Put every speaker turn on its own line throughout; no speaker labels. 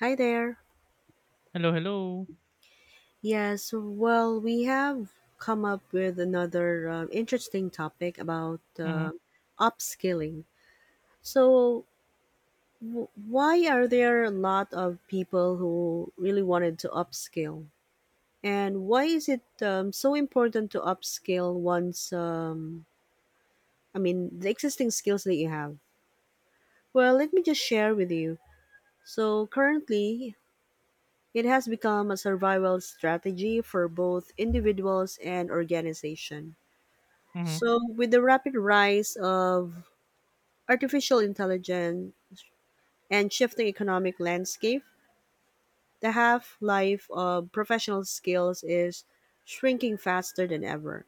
Hi there.
Hello, hello.
Yes, well, we have come up with another interesting topic about
Mhm,
upskilling. So, why are there a lot of people who really wanted to upskill? And why is it so important to upskill once, I mean, the existing skills that you have? Well, let me just share with you. So, currently, it has become a survival strategy for both individuals and organizations.
mhm,
So, with the rapid rise of artificial intelligence and shifting economic landscape, the half life of professional skills is shrinking faster than ever.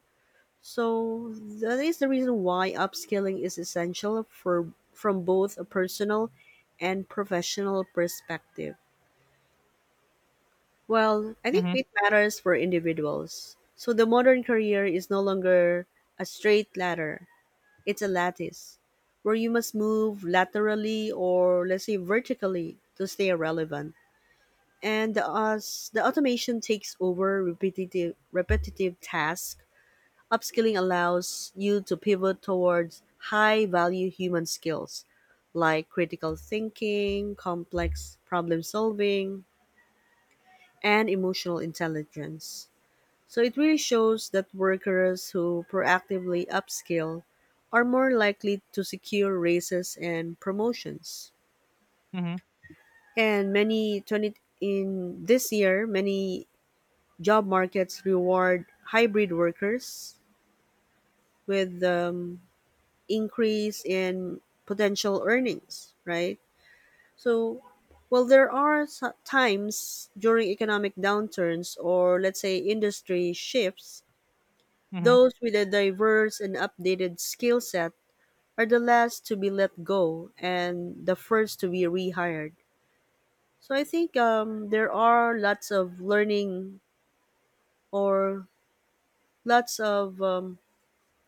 So, that is the reason why upskilling is essential for from both a personal and professional perspective. Well, I think
mhm,
it matters for individuals. So, the modern career is no longer a straight ladder, it's a lattice where you must move laterally or let's say vertically to stay relevant. And as the automation takes over repetitive tasks, upskilling allows you to pivot towards high value human skills like critical thinking, complex problem solving, and emotional intelligence. So it really shows that workers who proactively upskill are more likely to secure raises and promotions.
mhm,
And many 20 in this year, many job markets reward hybrid workers with increase in potential earnings, right? So well, there are times during economic downturns or let's say industry shifts.
mhm,
Those with a diverse and updated skill set are the last to be let go and the first to be rehired. So I think there are lots of learning or lots of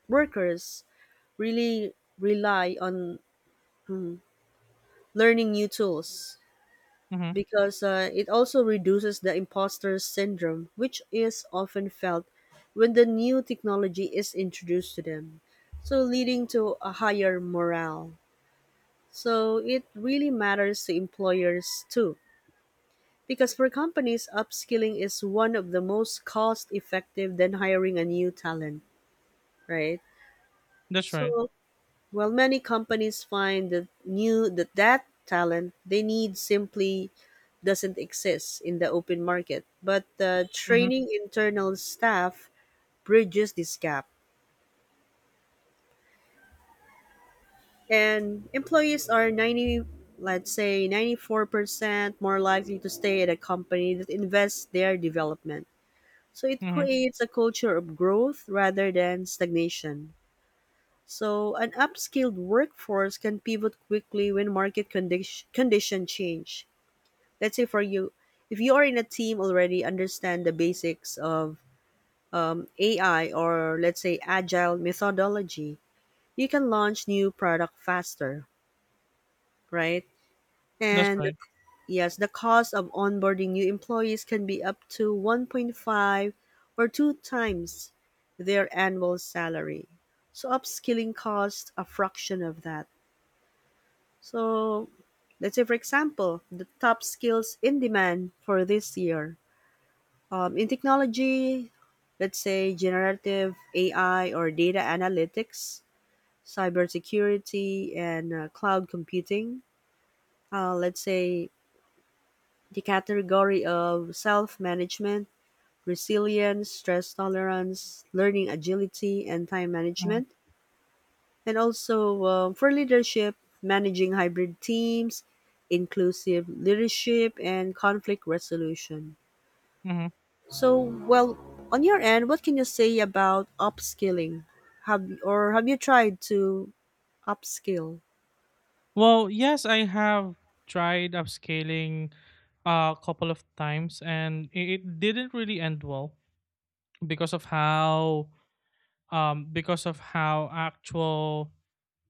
workers really rely on learning new tools
mhm.
because it also reduces the imposter syndrome, which is often felt when the new technology is introduced to them. So leading to a higher morale. So it really matters to employers too. Because for companies, upskilling is one of the most cost effective than hiring a new talent, right?
That's right.
So while many companies find that that talent they need simply doesn't exist in the open market. But
Mhm,
training internal staff bridges this gap. And employees are 90, let's say 94% more likely to stay at a company that invests their development, so it
mhm.
creates a culture of growth rather than stagnation. So an upskilled workforce can pivot quickly when market condition change. Let's say for you, if you are in a team already understand the basics of ai or let's say agile methodology, you can launch new product faster, right?
That's
And
right.
yes, the cost of onboarding new employees can be up to 1.5 or 2 times their annual salary. So upskilling costs a fraction of that. So let's say for example, the top skills in demand for this year. In technology, let's say generative AI or data analytics, cybersecurity, and cloud computing. Let's say the category of self management, resilience, stress tolerance, learning agility, and time
Mhm,
management. And also for leadership, managing hybrid teams, inclusive leadership, and conflict resolution.
mhm.
So, well, on your end, what can you say about upskilling? Have or have you tried to upskill?
Well, yes, I have tried upscaling a couple of times, and it didn't really end well because of how because of how actual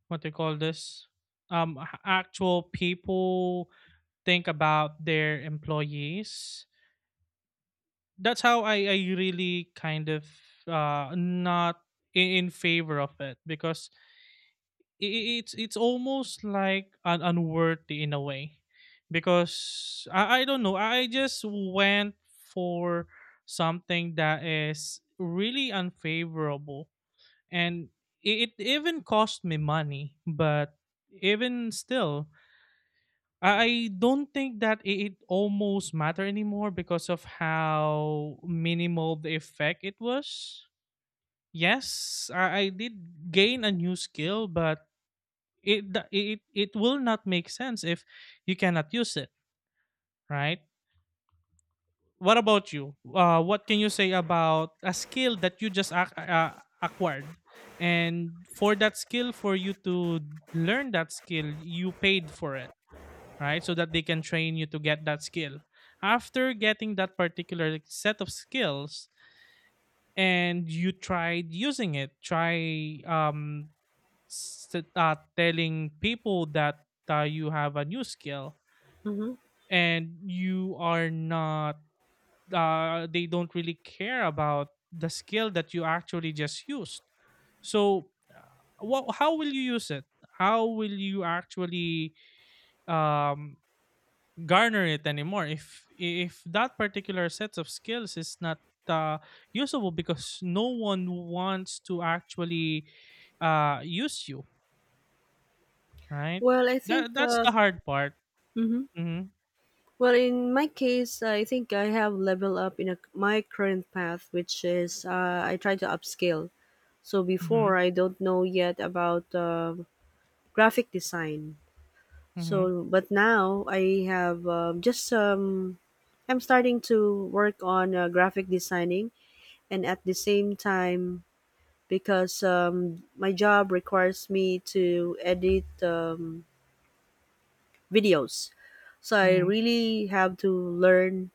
what they call this, actual people think about their employees. That's how I really kind of not in, in favor of it because it's it's almost like unworthy in a way because I don't know, I just went for something that is really unfavorable, and it even cost me money, but even still I don't think that it almost matter anymore because of how minimal the effect it was. Yes, I did gain a new skill, but it do- it will not make sense if you cannot use it, right? What about you? What can you say about a skill that you just acquired, and for that skill, for you to learn that skill, you paid for it? Right? So that they can train you to get that skill. After getting that particular set of skills and you tried using it, s- telling people that you have a new skill
Hmm.
and you are not, they don't really care about the skill that you actually just used. So, what, how will you use it? How will you actually um, garner it anymore if that particular set of skills is not uh, usable because no one wants to actually use you, right?
Well, I
That
think.
that's the hard part.
Hmm.
Mm-hmm,
Well, in my case, I think I have leveled up in a, my current path, which is I try to upskill. So
mm-hmm,
before I don't know yet about graphic design.
mm-hmm,
So but now I have just I'm starting to work on graphic designing, and at the same time, because my job requires me to edit videos. So I
mm-hmm,
really have to learn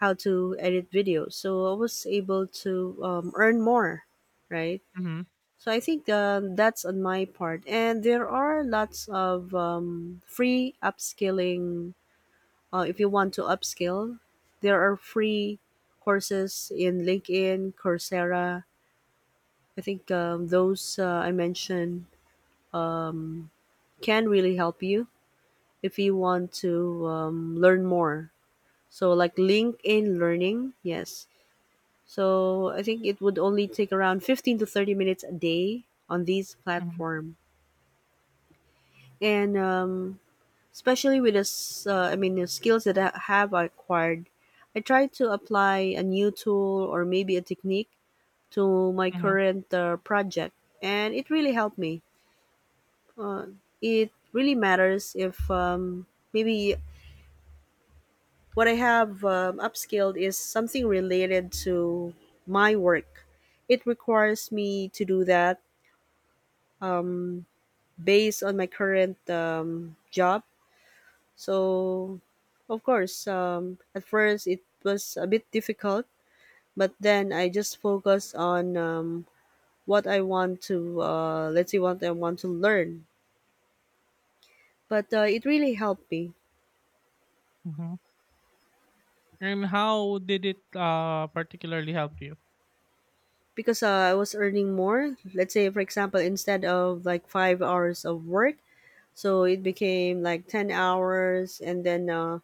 how to edit videos. So I was able to earn more, right?
mm-hmm,
So I think that's on my part. And there are lots of free upskilling. If you want to upskill, there are free courses in LinkedIn, Coursera. I think those I mentioned um can really help you if you want to learn more. So, like LinkedIn Learning, yes. So, I think it would only take around 15 to 30 minutes a day on these
mm-hmm,
platform. And especially with the I mean the skills that I have acquired. I try to apply a new tool or maybe a technique to my
mm-hmm.
current project, and it really helped me. Uh, it really matters if maybe what I have upskilled is something related to my work. It requires me to do that um, based on my current job. So, of course, at first it was a bit difficult, but then I just focused on what I want to, let's see, what I want to learn. But it really helped me
Mm-hmm. And how did it particularly help you?
because I was earning more. Let's say, for example, instead of like 5 hours of work, so it became like 10 hours, and then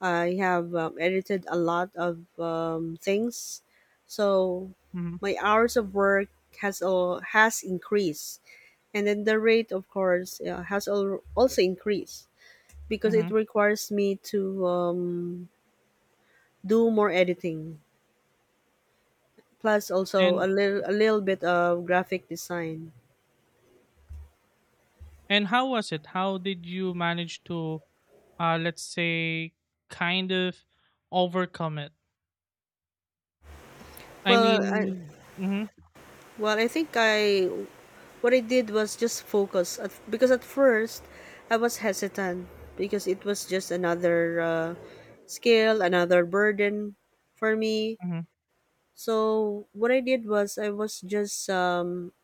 I have edited a lot of things, so
Mm-hmm,
my hours of work has increased, and then the rate, of course, also increased because it
mm-hmm.
requires me to do more editing, plus also
and
a little bit of graphic design.
and how was it, how did you manage to let's say kind of overcome it, I
Well, I,
mean? Mhm,
well, I think I. What I did was just focus at, because at first I was hesitant because it was just another skill, another burden for me.
mhm,
So what I did was I was just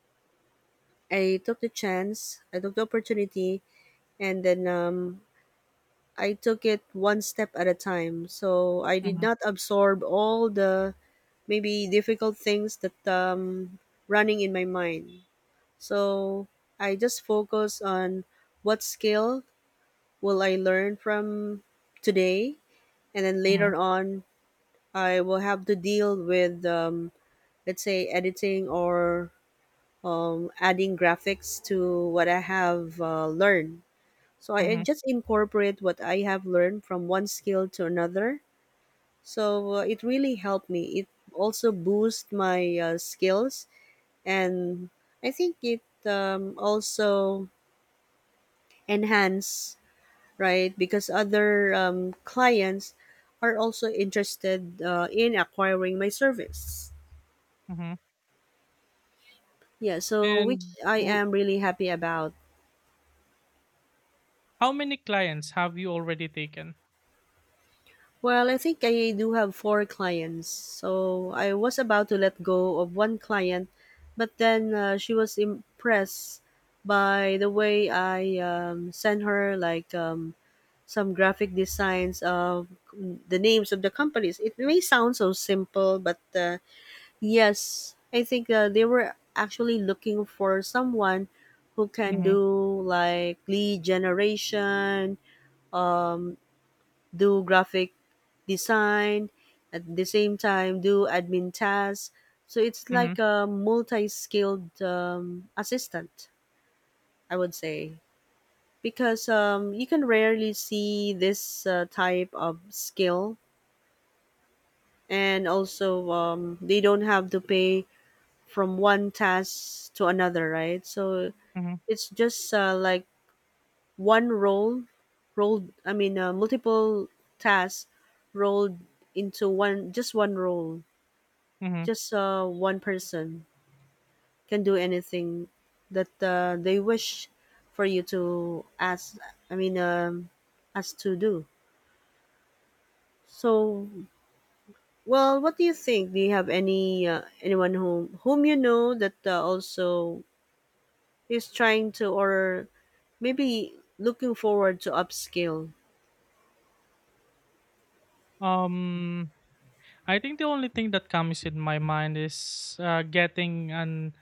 I took the chance, I took the opportunity, and then I took it one step at a time. So I did
mhm,
not absorb all the maybe difficult things that running in my mind. So I just focus on what skill will I learn from today, and then
mhm,
later on I will have to deal with let's say editing or adding graphics to what I have learned. So I
mhm,
just incorporate what I have learned from one skill to another. So it really helped me. It also boosts my skills, and I think it also enhance, right? Because other clients are also interested in acquiring my service.
mhm.
Yeah, so which
and
I
w
am really happy about.
how many clients have you already taken?
Well, I think I do have 4 clients. So I was about to let go of one client, but then she was impressed by the way I sent her like some graphic designs of the names of the companies. It may sound so simple, but yes, I think they were actually looking for someone who can
Mhm,
do like lead generation, um, do graphic design, at the same time do admin tasks. So it's
mhm,
like a multi-skilled assistant, I would say, because you can rarely see this type of skill, and also they don't have to pay from one task to another, right? So
mhm,
it's just like one role, rolled. I mean, multiple tasks rolled into one, just one role.
mhm.
Just one person can do anything that they wish for you to ask. I mean, ask to do. So, well, what do you think? Do you have any anyone whom you know that also he's trying to, or maybe looking forward to upscale.
um, I think the only thing that comes in my mind is, getting an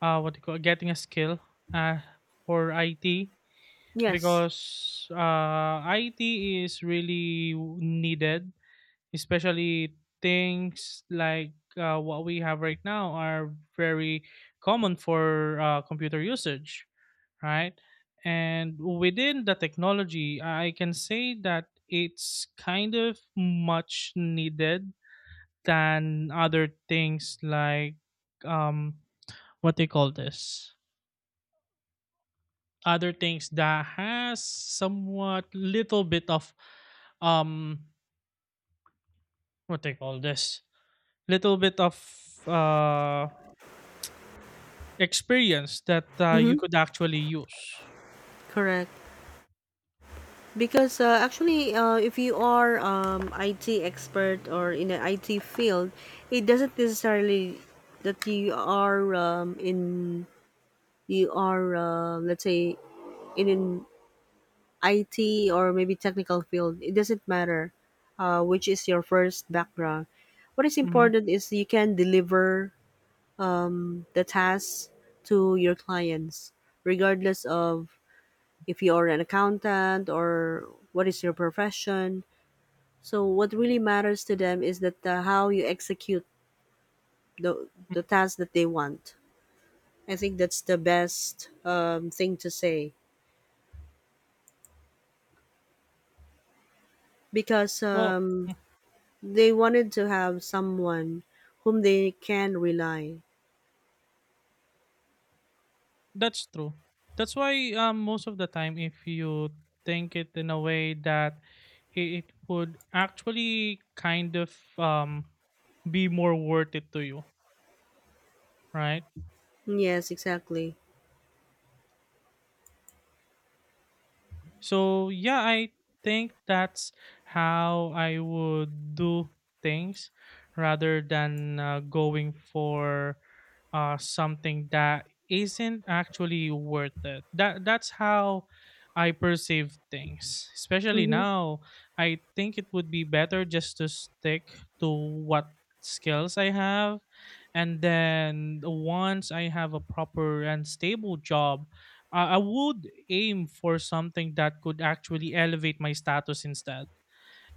what do you call, getting a skill uh, for IT,
Yes.
because IT is really w needed, especially things like what we have right now are very common for computer usage, right? And within the technology, I can say that it's kind of much needed than other things like um what they call this, other things that has somewhat little bit of um what they call this, little bit of uh experience that you
Mm-hmm.
could actually use.
Correct. Because actually, if you are IT expert or in the IT field, it doesn't necessarily that you are let's say in an IT or maybe technical field. It doesn't matter which is your first background. What is
Mhm,
important is you can deliver the tasks to your clients, regardless of if you are an accountant or what is your profession. So what really matters to them is that how you execute the
mhm.
task that they want. I think that's the best thing to say because
Well, mm,
they wanted to have someone whom they can rely.
that's true. That's why most of the time, if you think it in a way that it, it would actually kind of be more worth it to you, right?
Yes, exactly.
So yeah, I think that's how I would do things rather than going for something that isn't actually worth it. That that's how I perceive things. Especially
Mm-hmm.
now, I think it would be better just to stick to what skills I have, and then once I have a proper and stable job, I would aim for something that could actually elevate my status instead.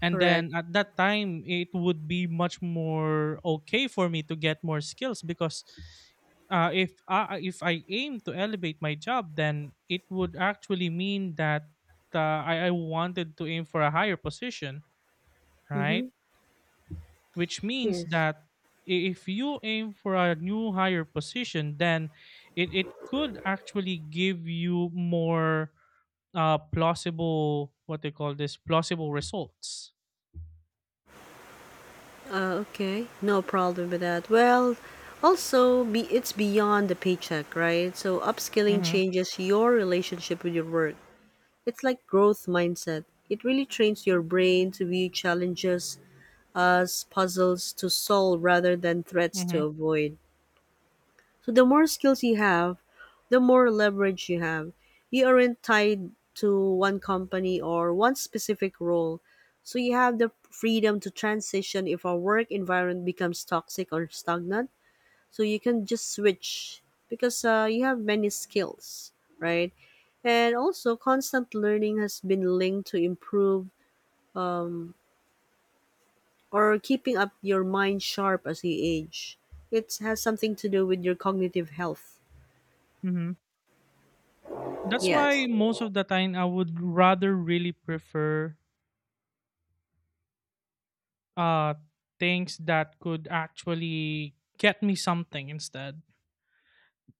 And then
Correct.
at that time, it would be much more okay for me to get more skills because if I aim to elevate my job, then it would actually mean that I wanted to aim for a higher position,
Mm-hmm.
right? Which means
Yes.
that if you aim for a new higher position, then it could actually give you more plausible, what they call this, plausible results.
Okay, no problem with that. Well, also, be it's beyond the paycheck, right? So upskilling
Mm-hmm,
changes your relationship with your work. It's like growth mindset. It really trains your brain to view challenges as puzzles to solve rather than threats to
mm-hmm,
avoid. So the more skills you have, the more leverage you have. You aren't tied to one company or one specific role, so you have the freedom to transition if a work environment becomes toxic or stagnant. So you can just switch because you have many skills, right? And also, constant learning has been linked to improve um, or keeping up your mind sharp as you age. It has something to do with your cognitive health.
mm-hmm. That's
Yes.
why most of the time I would rather really prefer uh things that could actually get me something instead,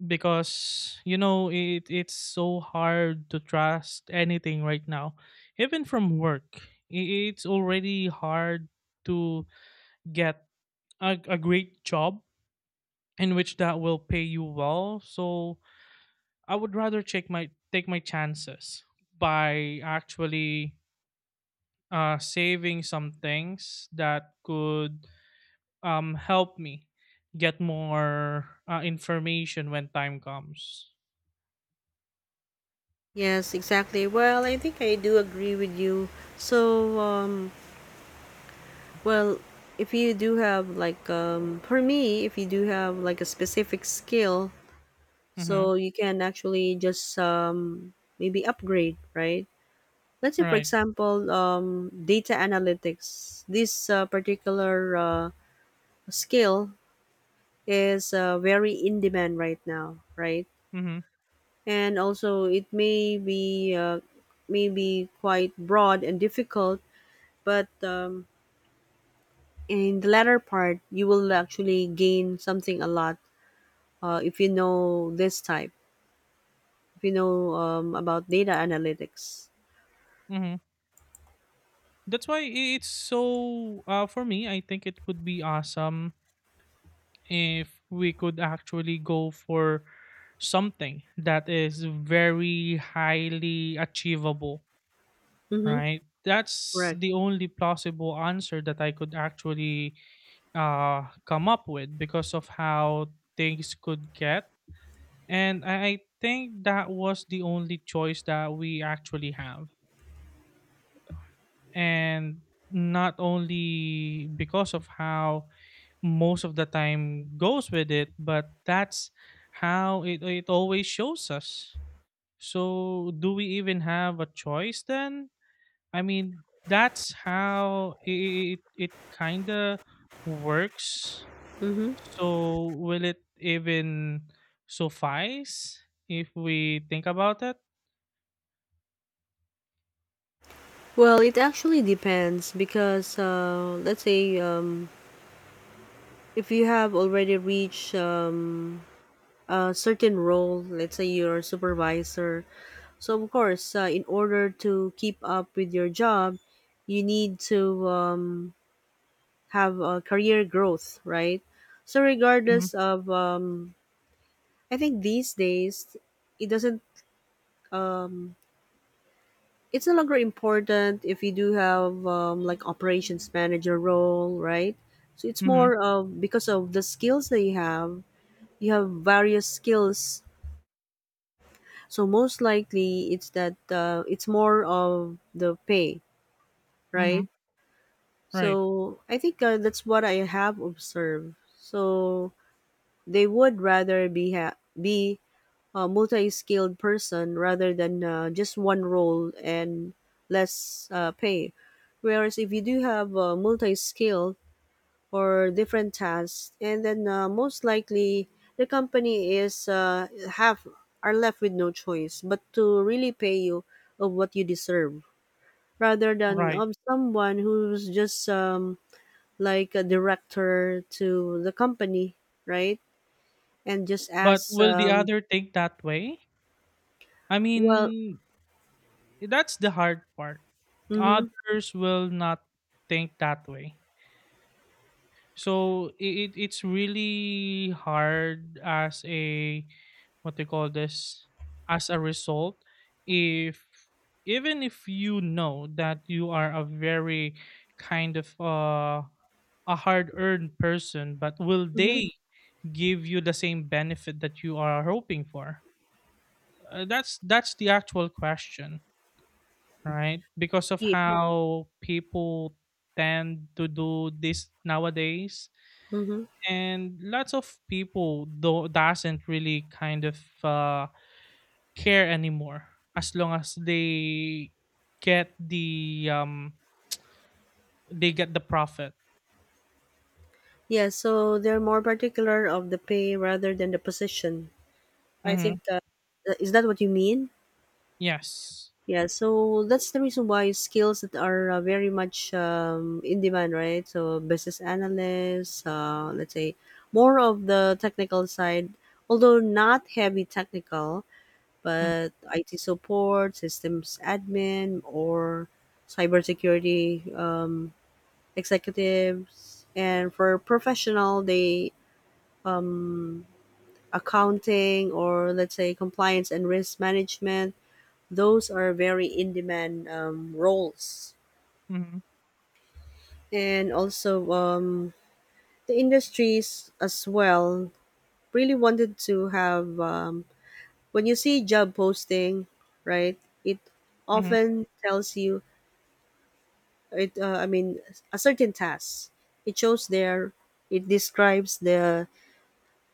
because you know it's so hard to trust anything right now, even from work. It's already hard to get a great job in which that will pay you well. So I would rather check my take my chances by actually saving some things that could help me get more information when time comes.
Yes, exactly. Well, I think I do agree with you. So, well, if you do have like, for me, if you do have like a specific skill,
Mm-hmm.
so you can actually just maybe upgrade, right? Let's say, for
Right.
example, data analytics. This particular skill is very in demand right now, right?
Mm-hmm.
And also, it may be quite broad and difficult but in the latter part you will actually gain something a lot if you know this type, if you know about data analytics.
Mm-hmm. That's why it's so for me, I think it would be awesome if we could actually go for something that is very highly achievable,
Mm-hmm.
right? That's
Correct.
the only plausible answer that I could actually come up with because of how things could get. And I think that was the only choice that we actually have. And not only because of how most of the time goes with it, but that's how it always shows us. So do we even have a choice then? I mean, that's how it kind of works.
Mm-hmm.
So will it even suffice if we think about it?
Well, it actually depends because let's say if you have already reached a certain role, let's say you're a supervisor, so of course in order to keep up with your job you need to have career growth, right? So
Mhm,
regardless of, I think these days it doesn't. Um, it's no longer important if you do have like operations manager role, right? So it's
mhm,
more of because of the skills that you have. You have various skills, so most likely it's that it's more of the pay,
mhm.
right?
Right,
So I think that's what I have observed. So they would rather be a multi-skilled person rather than just one role and less pay. Whereas if you do have multi-skilled or different tasks, and then most likely the company is have are left with no choice but to really pay you of what you deserve rather than
right.
of someone who's just like a director to the company, right? And just
But
ask,
will the other think that way? I
well,
mean, that's the hard part.
mm-hmm,
Others will not think that way. So it's really hard as a, what they call this, as a result, if, even if you know that you are a very kind of a hard-earned person, but will
mm-hmm,
they give you the same benefit that you are hoping for? That's the actual question, right? Because of
yeah.
how people tend to do this nowadays,
Mm-hmm.
and lots of people do doesn't really kind of care anymore, as long as get the um they get the profit.
Yeah, so they're more particular of the pay rather than the position. I
Mm-hmm.
think is that what you mean?
Yes.
Yeah, so that's the reason why skills that are very much in demand, right? So business analysts, let's say more of the technical side, although not heavy technical,
mm-hmm.
but IT support, systems admin, or cybersecurity executives. And for professional, they um, accounting, or let's say compliance and risk management. Those are very in demand roles.
Mm-hmm.
And also, the industries as well really wanted to have, when you see job posting, right, it often tells you, it, uh, I mean, a certain task. It shows there, it describes the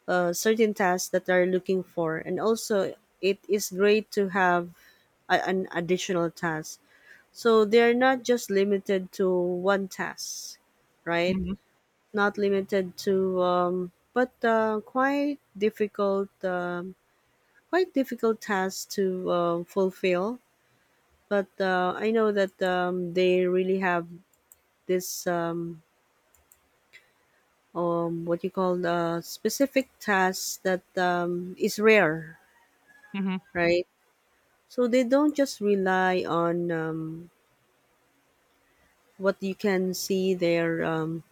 certain tasks that they're looking for. And also, it is great to have an additional task. So they're not just limited to one task, right?
Mm-hmm.
Not limited to, um, but quite difficult, quite difficult tasks to fulfill. But I know that they really have this, what you call the specific task that is rare,
Mm-hmm.
right? So they don't just rely on what you can see there.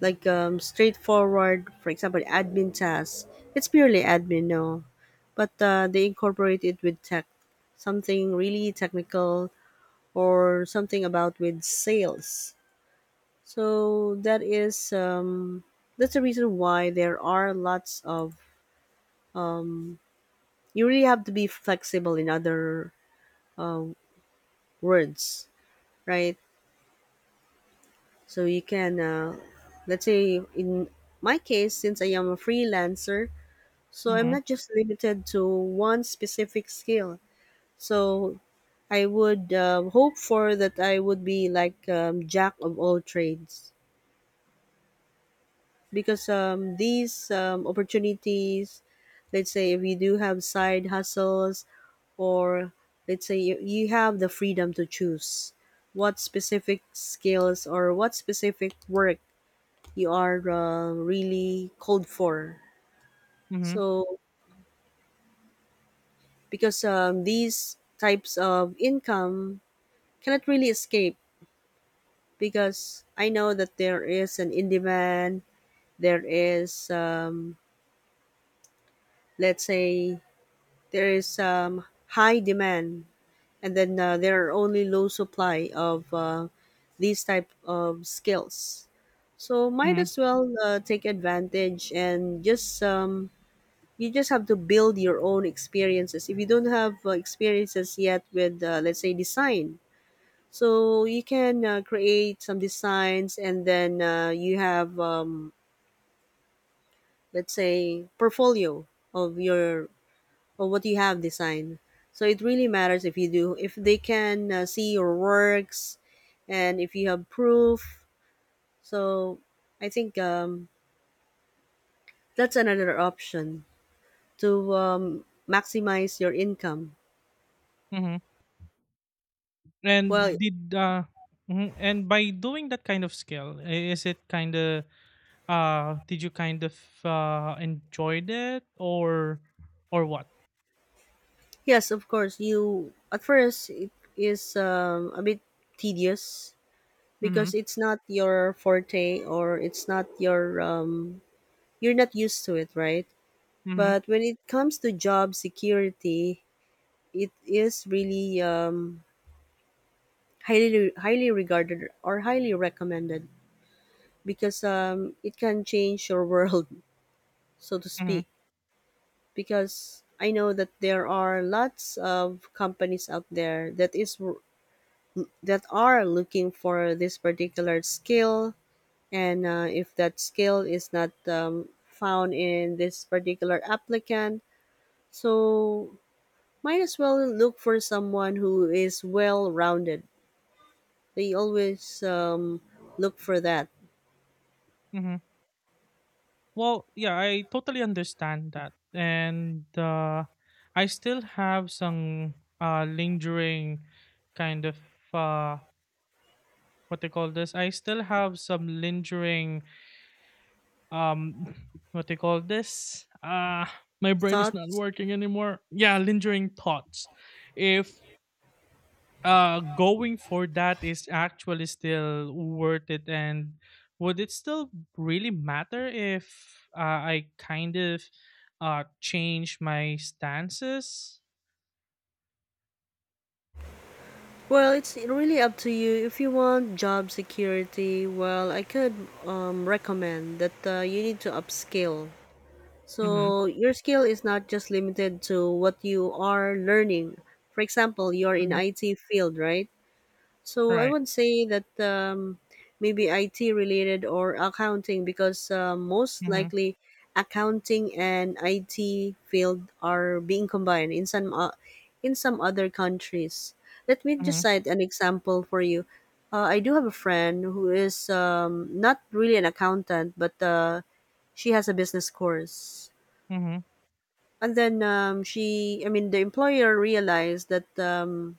Like straightforward, for example, admin tasks. It's purely admin, no, but they incorporate it with tech, something really technical or something about with sales. So that is that's the reason why there are lots of um, you really have to be flexible in other uh, words, right? So you can let's say in my case, since I am a freelancer, so I'm
Mm-hmm.
not just limited to one specific skill. So I would hope for that I would be like jack of all trades because um, these opportunities, let's say if you do have side hustles, or let's say you have the freedom to choose what specific skills or what specific work you are really called for.
Mm-hmm. Mm-hmm.
So because these types of income cannot really escape because I know that there is an in demand, there is, let's say, there is high demand, and then there are only low supply of these type of skills. So might
Mm-hmm.
as well take advantage and just you just have to build your own experiences. If you don't have experiences yet with let's say design, so you can create some designs, and then you have, let's say, portfolio of your of what you have designed. So it really matters if you do if they can see your works, and if you have proof. So I think that's another option to maximize your income.
Mm-hmm.
Well,
And did mhm. And by doing that kind of skill, is it kind of did you kind of enjoyed it, or what?
yes, of course. You at first it is a bit tedious because
Mm-hmm.
it's not your forte or it's not your you're not used to it, right?
Mm-hmm.
But when it comes to job security, it is really highly highly regarded or highly recommended because it can change your world so to
Mm-hmm.
speak because I know that there are lots of companies out there that are looking for this particular skill. And if that skill is not found in this particular applicant, so might as well look for someone who is well rounded. They always look for that.
Mm-hmm. Well, yeah, I totally understand that, and I still have some lingering kind of uh, what they call this. I still have some lingering um, what they call this. My brain is not
Thoughts?
working anymore. Yeah, lingering thoughts. If going for that is actually still worth it, and would it still really matter if I kind of change my stances?
Well, it's really up to you. If you want job security, well, I could recommend that you need to upskill.
Mm-hmm,
So your skill is not just limited to what you are learning. For example, you're in
mm-hmm.
IT field, right? So I
Right.
would say that maybe IT related or accounting because most
Mm-hmm,
likely accounting and IT field are being combined in some other countries. Let me just
mm-hmm,
cite an example for you. I do have a friend who is not really an accountant, but she has a business course.
mm-hmm,
And then the employer realized that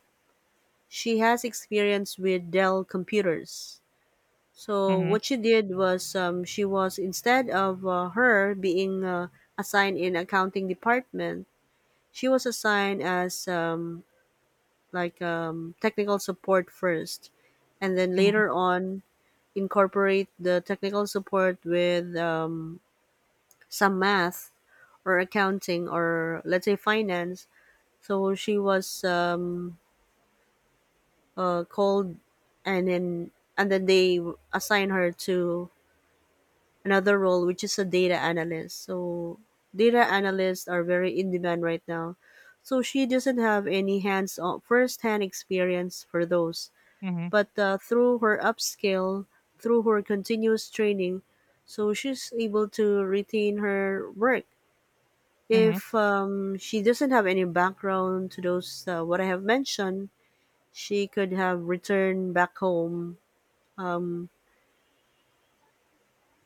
she has experience with Dell computers. So
mm-hmm,
what she did was she was instead of her being assigned in accounting department, she was assigned as like technical support first, and then
mm-hmm,
later on incorporate the technical support with some math or accounting, or let's say finance. So she was called, and then they assign her to another role which is a data analyst. So data analysts are very in demand right now, so she doesn't have any hands on first hand experience for those,
mm-hmm.
but through her upskill, through her continuous training, so she's able to retain her work.
Mm-hmm.
If she doesn't have any background to those what I have mentioned, she could have returned back home, um,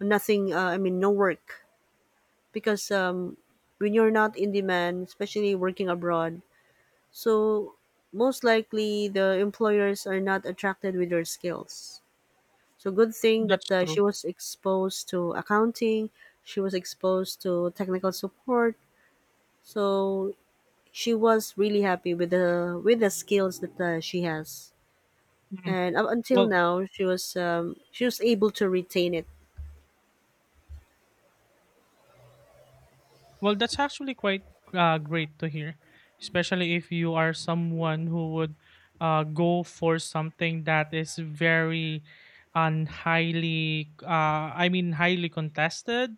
nothing, no work because when you're not in demand, especially working abroad, so most likely the employers are not attracted with your skills. So good thing that
That's
she
true.
was exposed to accounting, she was exposed to technical support. So she was really happy with the skills that she has,
Mhm.
and up until
Well.
now she was able to retain it.
Well, that's actually quite great to hear, especially if you are someone who would go for something that is very and highly, highly contested.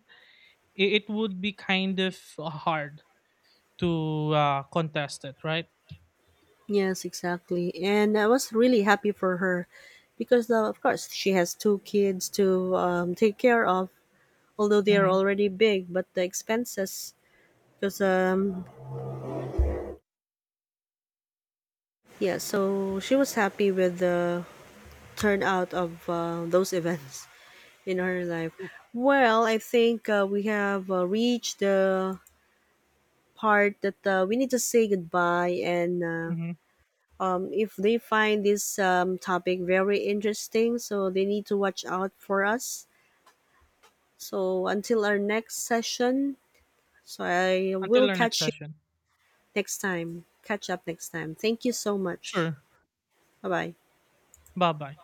It would be kind of hard to contest it, right?
Yes, exactly. And I was really happy for her because, of course, she has 2 kids to take care of, although they are
Mm-hmm.
already big, but the expenses, because, yeah, so she was happy with the turnout of those events in her life. Well, I think we have reached the part that we need to say goodbye, and
Mm-hmm.
if they find this topic very interesting, so they need to watch out for us. So until our next session, so I will
Until our next
catch you
session.
next time. Catch up next time. Thank you so much.
Sure.
Bye bye.
Bye bye.